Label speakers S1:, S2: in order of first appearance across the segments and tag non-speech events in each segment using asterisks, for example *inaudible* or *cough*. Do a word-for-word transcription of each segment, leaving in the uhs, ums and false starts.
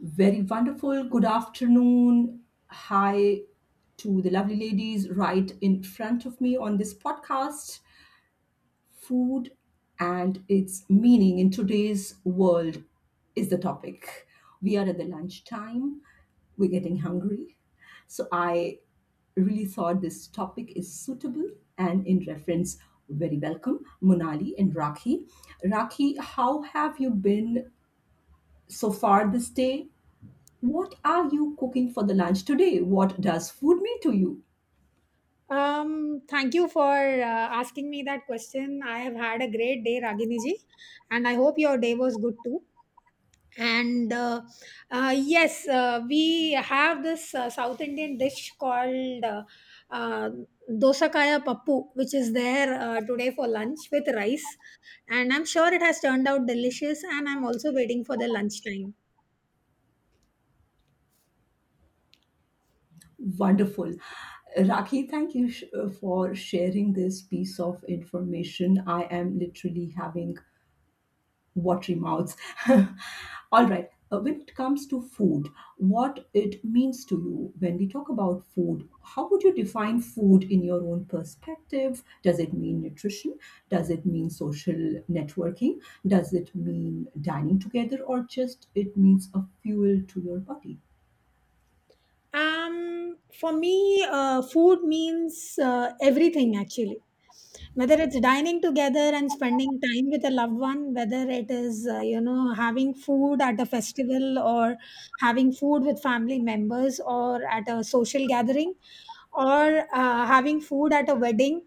S1: Very wonderful. Good afternoon. Hi to the lovely ladies right in front of me on this podcast. Food and its meaning in today's world is the topic. We are at the lunchtime, we're getting hungry. So I really thought this topic is suitable and in reference, very welcome, Monali and Rakhi. Rakhi, how have you been so far this day? What are you cooking for the lunch today? What does food mean to you?
S2: Um, thank you for uh, asking me that question. I have had a great day, Ragini ji, and I hope your day was good too. And uh, uh, yes, uh, we have this uh, South Indian dish called uh, uh, dosa kaya pappu, which is there uh, today for lunch with rice. And I'm sure it has turned out delicious, and I'm also waiting for the lunchtime.
S1: Wonderful. Rakhi, thank you sh- uh, for sharing this piece of information. I am literally having watery mouths. *laughs* All right. Uh, when it comes to food, what it means to you when we talk about food, how would you define food in your own perspective? Does it mean nutrition? Does it mean social networking? Does it mean dining together or just it means a fuel to your body?
S2: Um, for me, uh, food means uh, everything actually. Whether it's dining together and spending time with a loved one, whether it is, uh, you know, having food at a festival or having food with family members or at a social gathering or uh, having food at a wedding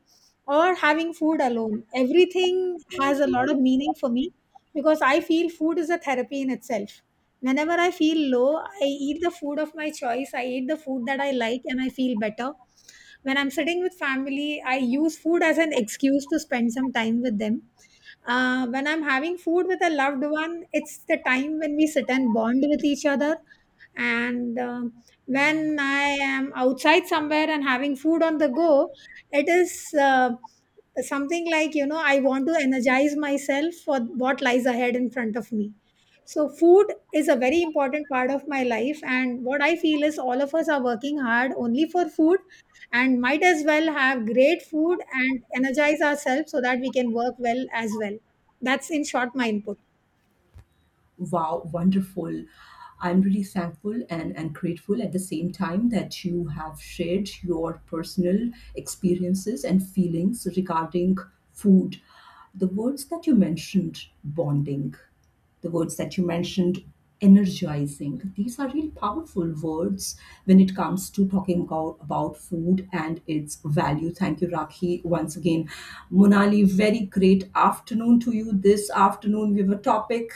S2: or having food alone, everything has a lot of meaning for me because I feel food is a therapy in itself. Whenever I feel low, I eat the food of my choice. I eat the food that I like and I feel better. When I'm sitting with family, I use food as an excuse to spend some time with them. Uh, when I'm having food with a loved one, it's the time when we sit and bond with each other, and um when I am outside somewhere and having food on the go, it is uh, something like, you know I want to energize myself for what lies ahead in front of me. So food is a very important part of my life, and what I feel is all of us are working hard only for food, and might as well have great food and energize ourselves so that we can work well as well. That's in short my input.
S1: Wow, wonderful. I'm really thankful and, and grateful at the same time that you have shared your personal experiences and feelings regarding food. The words that you mentioned, bonding, the words that you mentioned energizing, these are really powerful words when it comes to talking about, about food and its value. Thank you rakhi once again. Monali, very great afternoon to you. This afternoon we have a topic.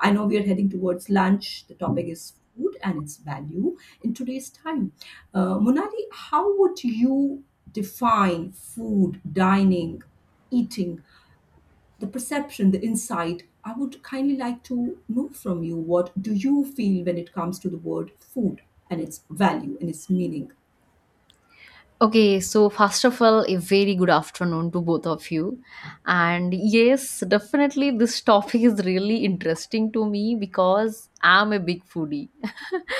S1: I know we are heading towards lunch. The topic is food and its value in today's time. uh, Monali, how would you define food, dining, eating, the perception, the insight. I would kindly like to know from you what do you feel when it comes to the word food and its value and its meaning?
S3: Okay, so first of all, a very good afternoon to both of you. And yes, definitely this *laughs* topic is really interesting to me because I'm a big foodie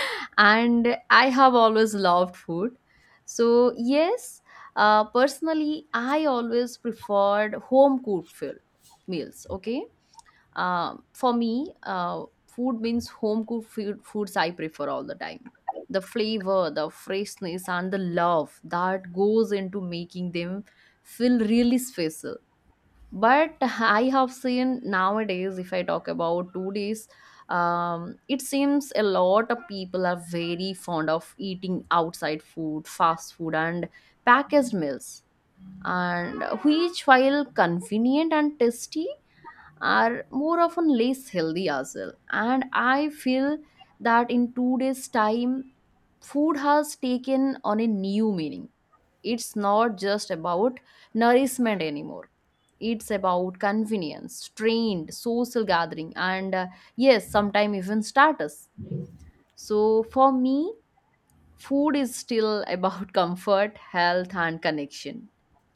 S3: *laughs* and I have always loved food. So, yes, uh, personally, I always preferred home cooked food meals. Okay. Uh, for me, uh, food means home cooked food, foods I prefer all the time. The flavor, the freshness, and the love that goes into making them feel really special. But *laughs* I have seen nowadays, if I talk about two days, um, it seems a lot of people are very fond of eating outside food, fast food, and packaged meals. And which, while convenient and tasty, are more often less healthy as well, and I feel that in today's time food has taken on a new meaning. It's not just about nourishment anymore. It's about convenience, trend, social gathering, and uh, yes, sometimes even status. So for me, food is still about *laughs* comfort, health, and connection.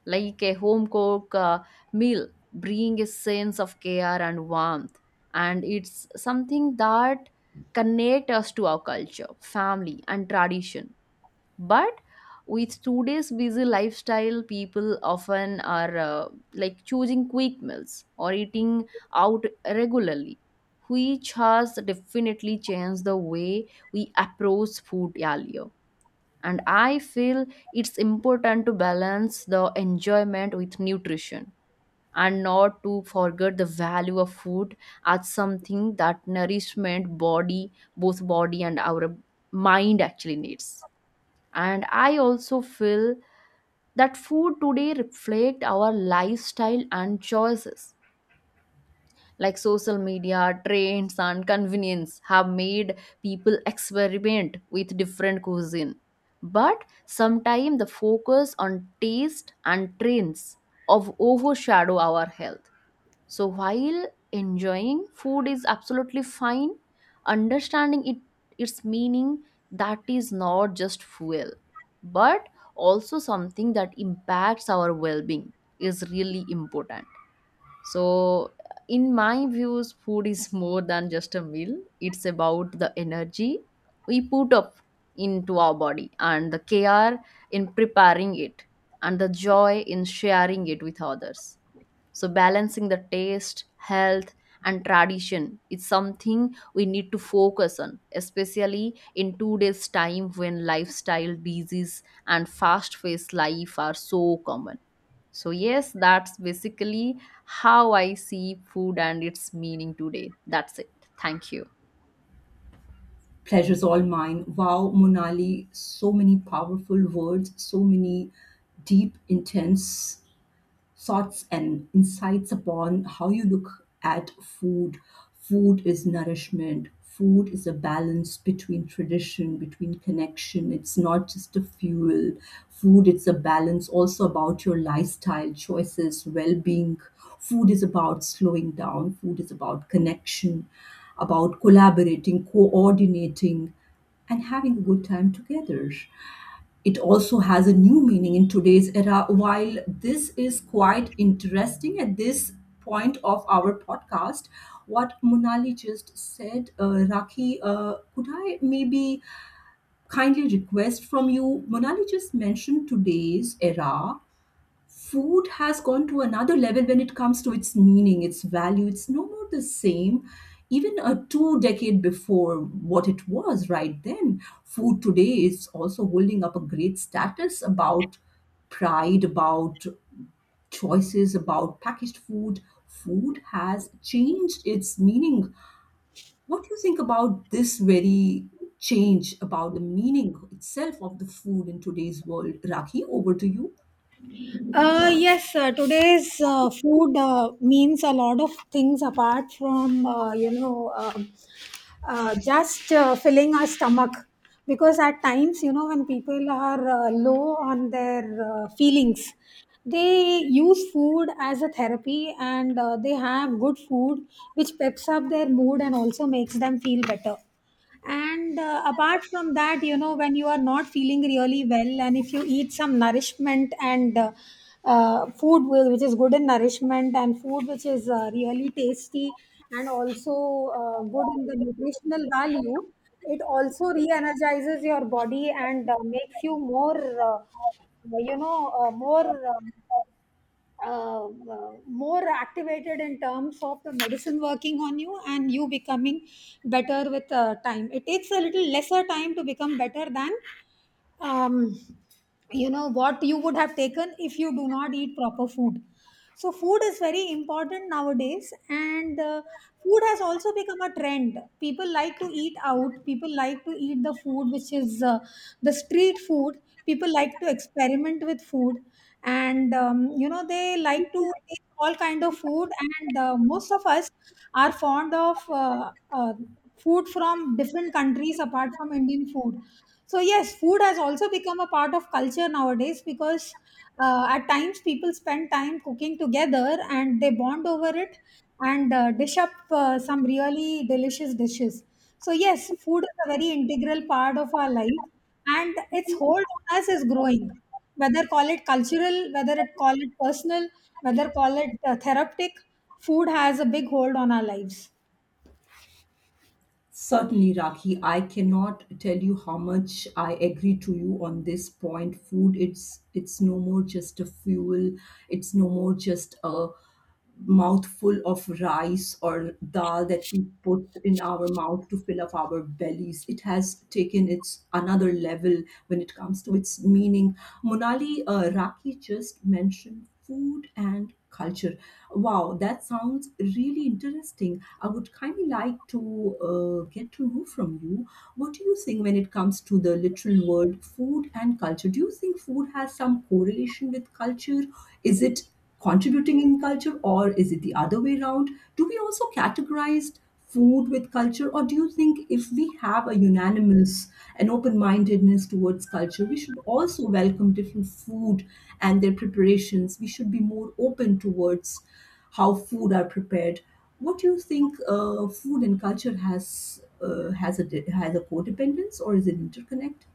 S3: Like a home cooked uh, meal, bring a sense of care and warmth, and it's something that connect us to our culture, family, and tradition. But with today's busy lifestyle, people often are uh, like choosing quick meals or eating out regularly, which has definitely changed the way we approach food earlier. And I feel it's important to balance the enjoyment with nutrition and not to forget the value of food as something that nourishment body, both body and our mind actually needs. And I also feel that food today reflect our lifestyle and choices, like social media, trends, and convenience have made people experiment with different cuisine. But sometimes the focus on taste and trends of overshadow our health. So while enjoying food is absolutely fine, understanding it, its meaning, that is not just fuel, but also something that impacts our well-being is really important. So, in my views, food is more than just a meal. It's about the energy we put up into our body and the care in preparing it and the joy in sharing it with others. So, balancing the taste, health, and tradition is something we need to focus on, especially in today's time when lifestyle disease and fast-paced life are so common. So, yes, that's basically how I see food and its meaning today. That's it. Thank you.
S1: Pleasure's all mine. Wow, Monali, so many powerful words, so many deep, intense thoughts and insights upon how you look at food. Food is nourishment. Food is a balance between tradition, between connection. It's not just a fuel. Food, it's a balance also about your lifestyle choices, well being. Food is about slowing down. Food is about connection, about collaborating, coordinating, and having a good time together. It also has a new meaning in today's era. While this is quite interesting at this point of our podcast, what Monali just said, uh, Rakhi, uh, could I maybe kindly request from you? Monali just mentioned today's era food has gone to another level when it comes to its meaning, its value. It's no more the same. Even a two decade before what it was right then, food today is also holding up a great status about pride, about choices, about packaged food. Food has changed its meaning. What do you think about this very change about the meaning itself of the food in today's world? Rakhi, over to you.
S2: Uh, yes, uh, Today's uh, food uh, means a lot of things apart from, uh, you know, um uh, just uh, filling our stomach. Because at times, you know, when people are uh, low on their uh, feelings, they use food as a therapy and uh, they have good food which peps up their mood and also makes them feel better. And uh, apart from that, you know when you are not feeling really well and if you eat some nourishment and uh, uh, food wi- which is good in nourishment and food which is uh, really tasty and also uh, good in the nutritional value, it also re-energizes your body and uh, makes you more uh, you know uh, more um, uh, uh, more activated in terms of the medicine working on you, and you becoming better with uh, time. It takes a little lesser time to become better than um, you know what you would have taken if you do not eat proper food. So food is very important nowadays, and uh, food has also become a trend. People like to eat out. People like to eat the food which is uh, the street food. People like to experiment with food, and um, you know they like to eat all kind of food. And uh, most of us are fond of uh, uh, food from different countries apart from Indian food. So yes, food has also become a part of culture nowadays because uh, at times, people spend time cooking together and they bond over it and uh, dish up uh, some really delicious dishes. So, yes, food is a very integral part of our life, and its hold on us is growing. Whether call it cultural, whether it call it personal, whether call it uh, therapeutic, food has a big hold on our lives.
S1: Certainly, Rakhi, I cannot tell you how much I agree to you on this point. Food, it's it's no more just a fuel. It's no more just a mouthful of rice or dal that we put in our mouth to fill up our bellies. It has taken its another level when it comes to its meaning. Monali, uh, Raki just mentioned food and culture. Wow, that sounds really interesting. I would kindly like to uh, get to know from you what do you think when it comes to the literal word food and culture? Do you think food has some correlation with culture? Is it contributing in culture or is it the other way around? Do we also categorize food with culture or do you think if we have a unanimous and open-mindedness towards culture, we should also welcome different food and their preparations. We should be more open towards how food are prepared. What do you think, uh, food and culture has uh, has a di- has a codependence or is it interconnect?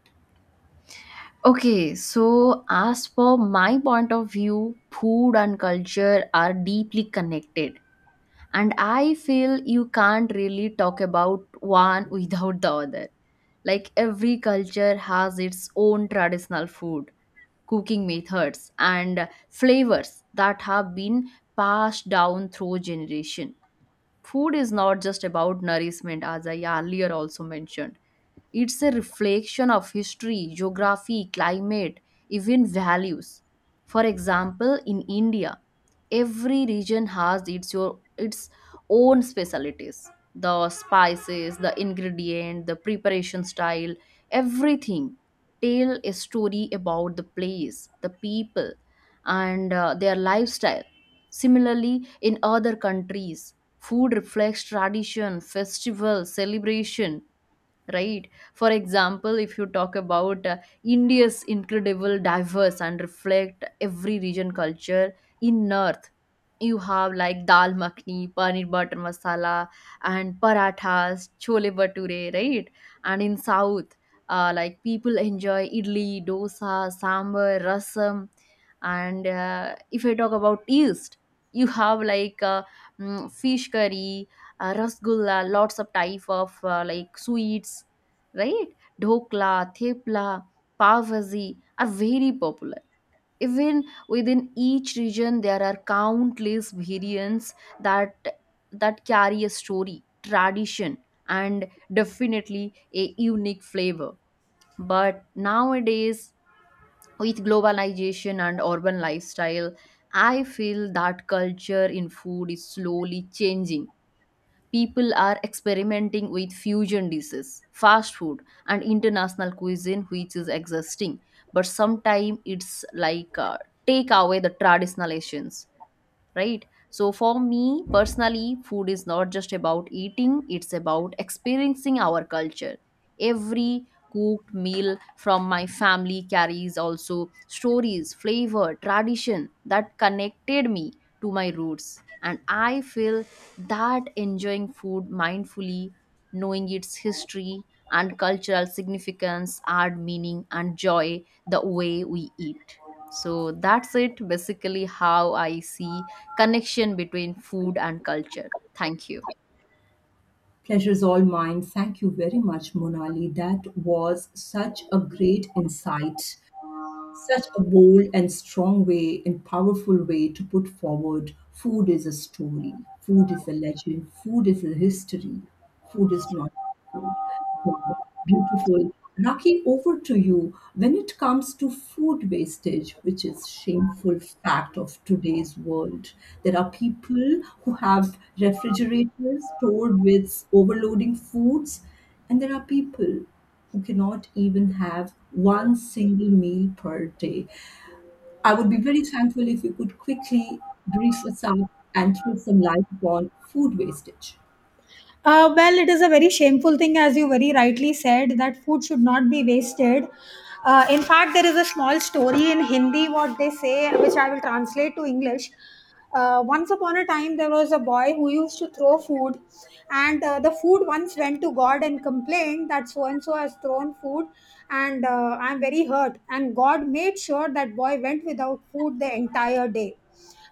S3: Okay, so as for my point of view, food and culture are deeply connected. And I feel you can't really talk about one *laughs* without the other. Like every culture has its own traditional food, cooking methods, and flavors that have been passed down through generation. Food is not just about nourishment, as I earlier also mentioned. It's a reflection of history, geography, climate, even values. For example, in India, every region has its your its own specialties. The spices, the ingredient, the preparation style, everything tell a story about the place, the people, and uh, their lifestyle. Similarly, in other countries, food reflects tradition, festival, celebration, right? For example, if you talk about uh, India's incredible diverse and reflect every region culture. In north, you have like dal makhni, paneer butter masala, and parathas, chole bhature, right? And in south, uh, like people enjoy idli, dosa, sambar, rasam. And uh, if I talk about east, you have like uh, mm, fish curry, uh, rasgulla, lots of type of uh, like sweets, right? Dhokla, thepla, pav bhaji are very popular. Even within each region, there are countless variants that that carry a story, tradition, and definitely a unique flavor. But nowadays, with globalization and urban lifestyle, I feel that culture in food is slowly changing. People are experimenting with fusion dishes, fast food, and international cuisine, which is existing. But sometimes it's like uh, take away the traditional essence, right? So for me personally, food is not just about eating, it's about experiencing our culture. Every cooked meal from my family carries also stories, flavor, tradition that connected me to my roots. And I feel that enjoying food mindfully, knowing its history and cultural significance, add meaning and joy the way we eat. So that's it, basically how I see connection between food and culture. Thank you.
S1: Pleasure is all mine. Thank you very much, Monali. That was such a great insight, such a bold and strong way and powerful way to put forward. Food is a story. Food is a legend. Food is a history. Food is not food. Beautiful. Raki, over to you. When it comes to food wastage, which is shameful fact of today's world, there are people who have refrigerators stored with overloading foods, and there are people who cannot even have one single meal per day. I would be very thankful if you could quickly brief us up and throw some light upon food wastage.
S2: Uh, well, it is a very shameful thing, as you very rightly said, that food should not be wasted. Uh, in fact, there is a small story in Hindi, what they say, which I will translate to English. Uh, once upon a time, there was a boy who used to throw food, and uh, the food once went to God and complained that so and so has thrown food, and uh, I'm very hurt. And God made sure that boy went without food the entire day,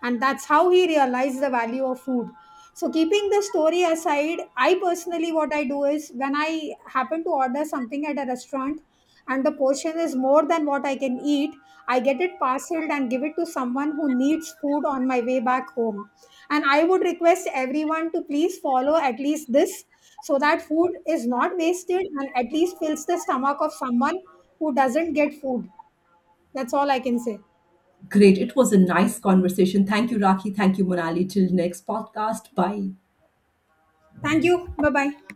S2: and that's how he realized the value of food. So, keeping the story aside, I personally what I do is when I happen to order something at a restaurant and the portion is more than what I can eat, I get it parceled and give it to someone who needs food on my way back home. And I would request everyone to please follow at least this so that food is not wasted and at least fills the stomach of someone who doesn't get food. That's all I can say.
S1: Great. It was a nice conversation. Thank you, Raki. Thank you, Monali. Till next podcast. Bye.
S2: Thank you. Bye bye.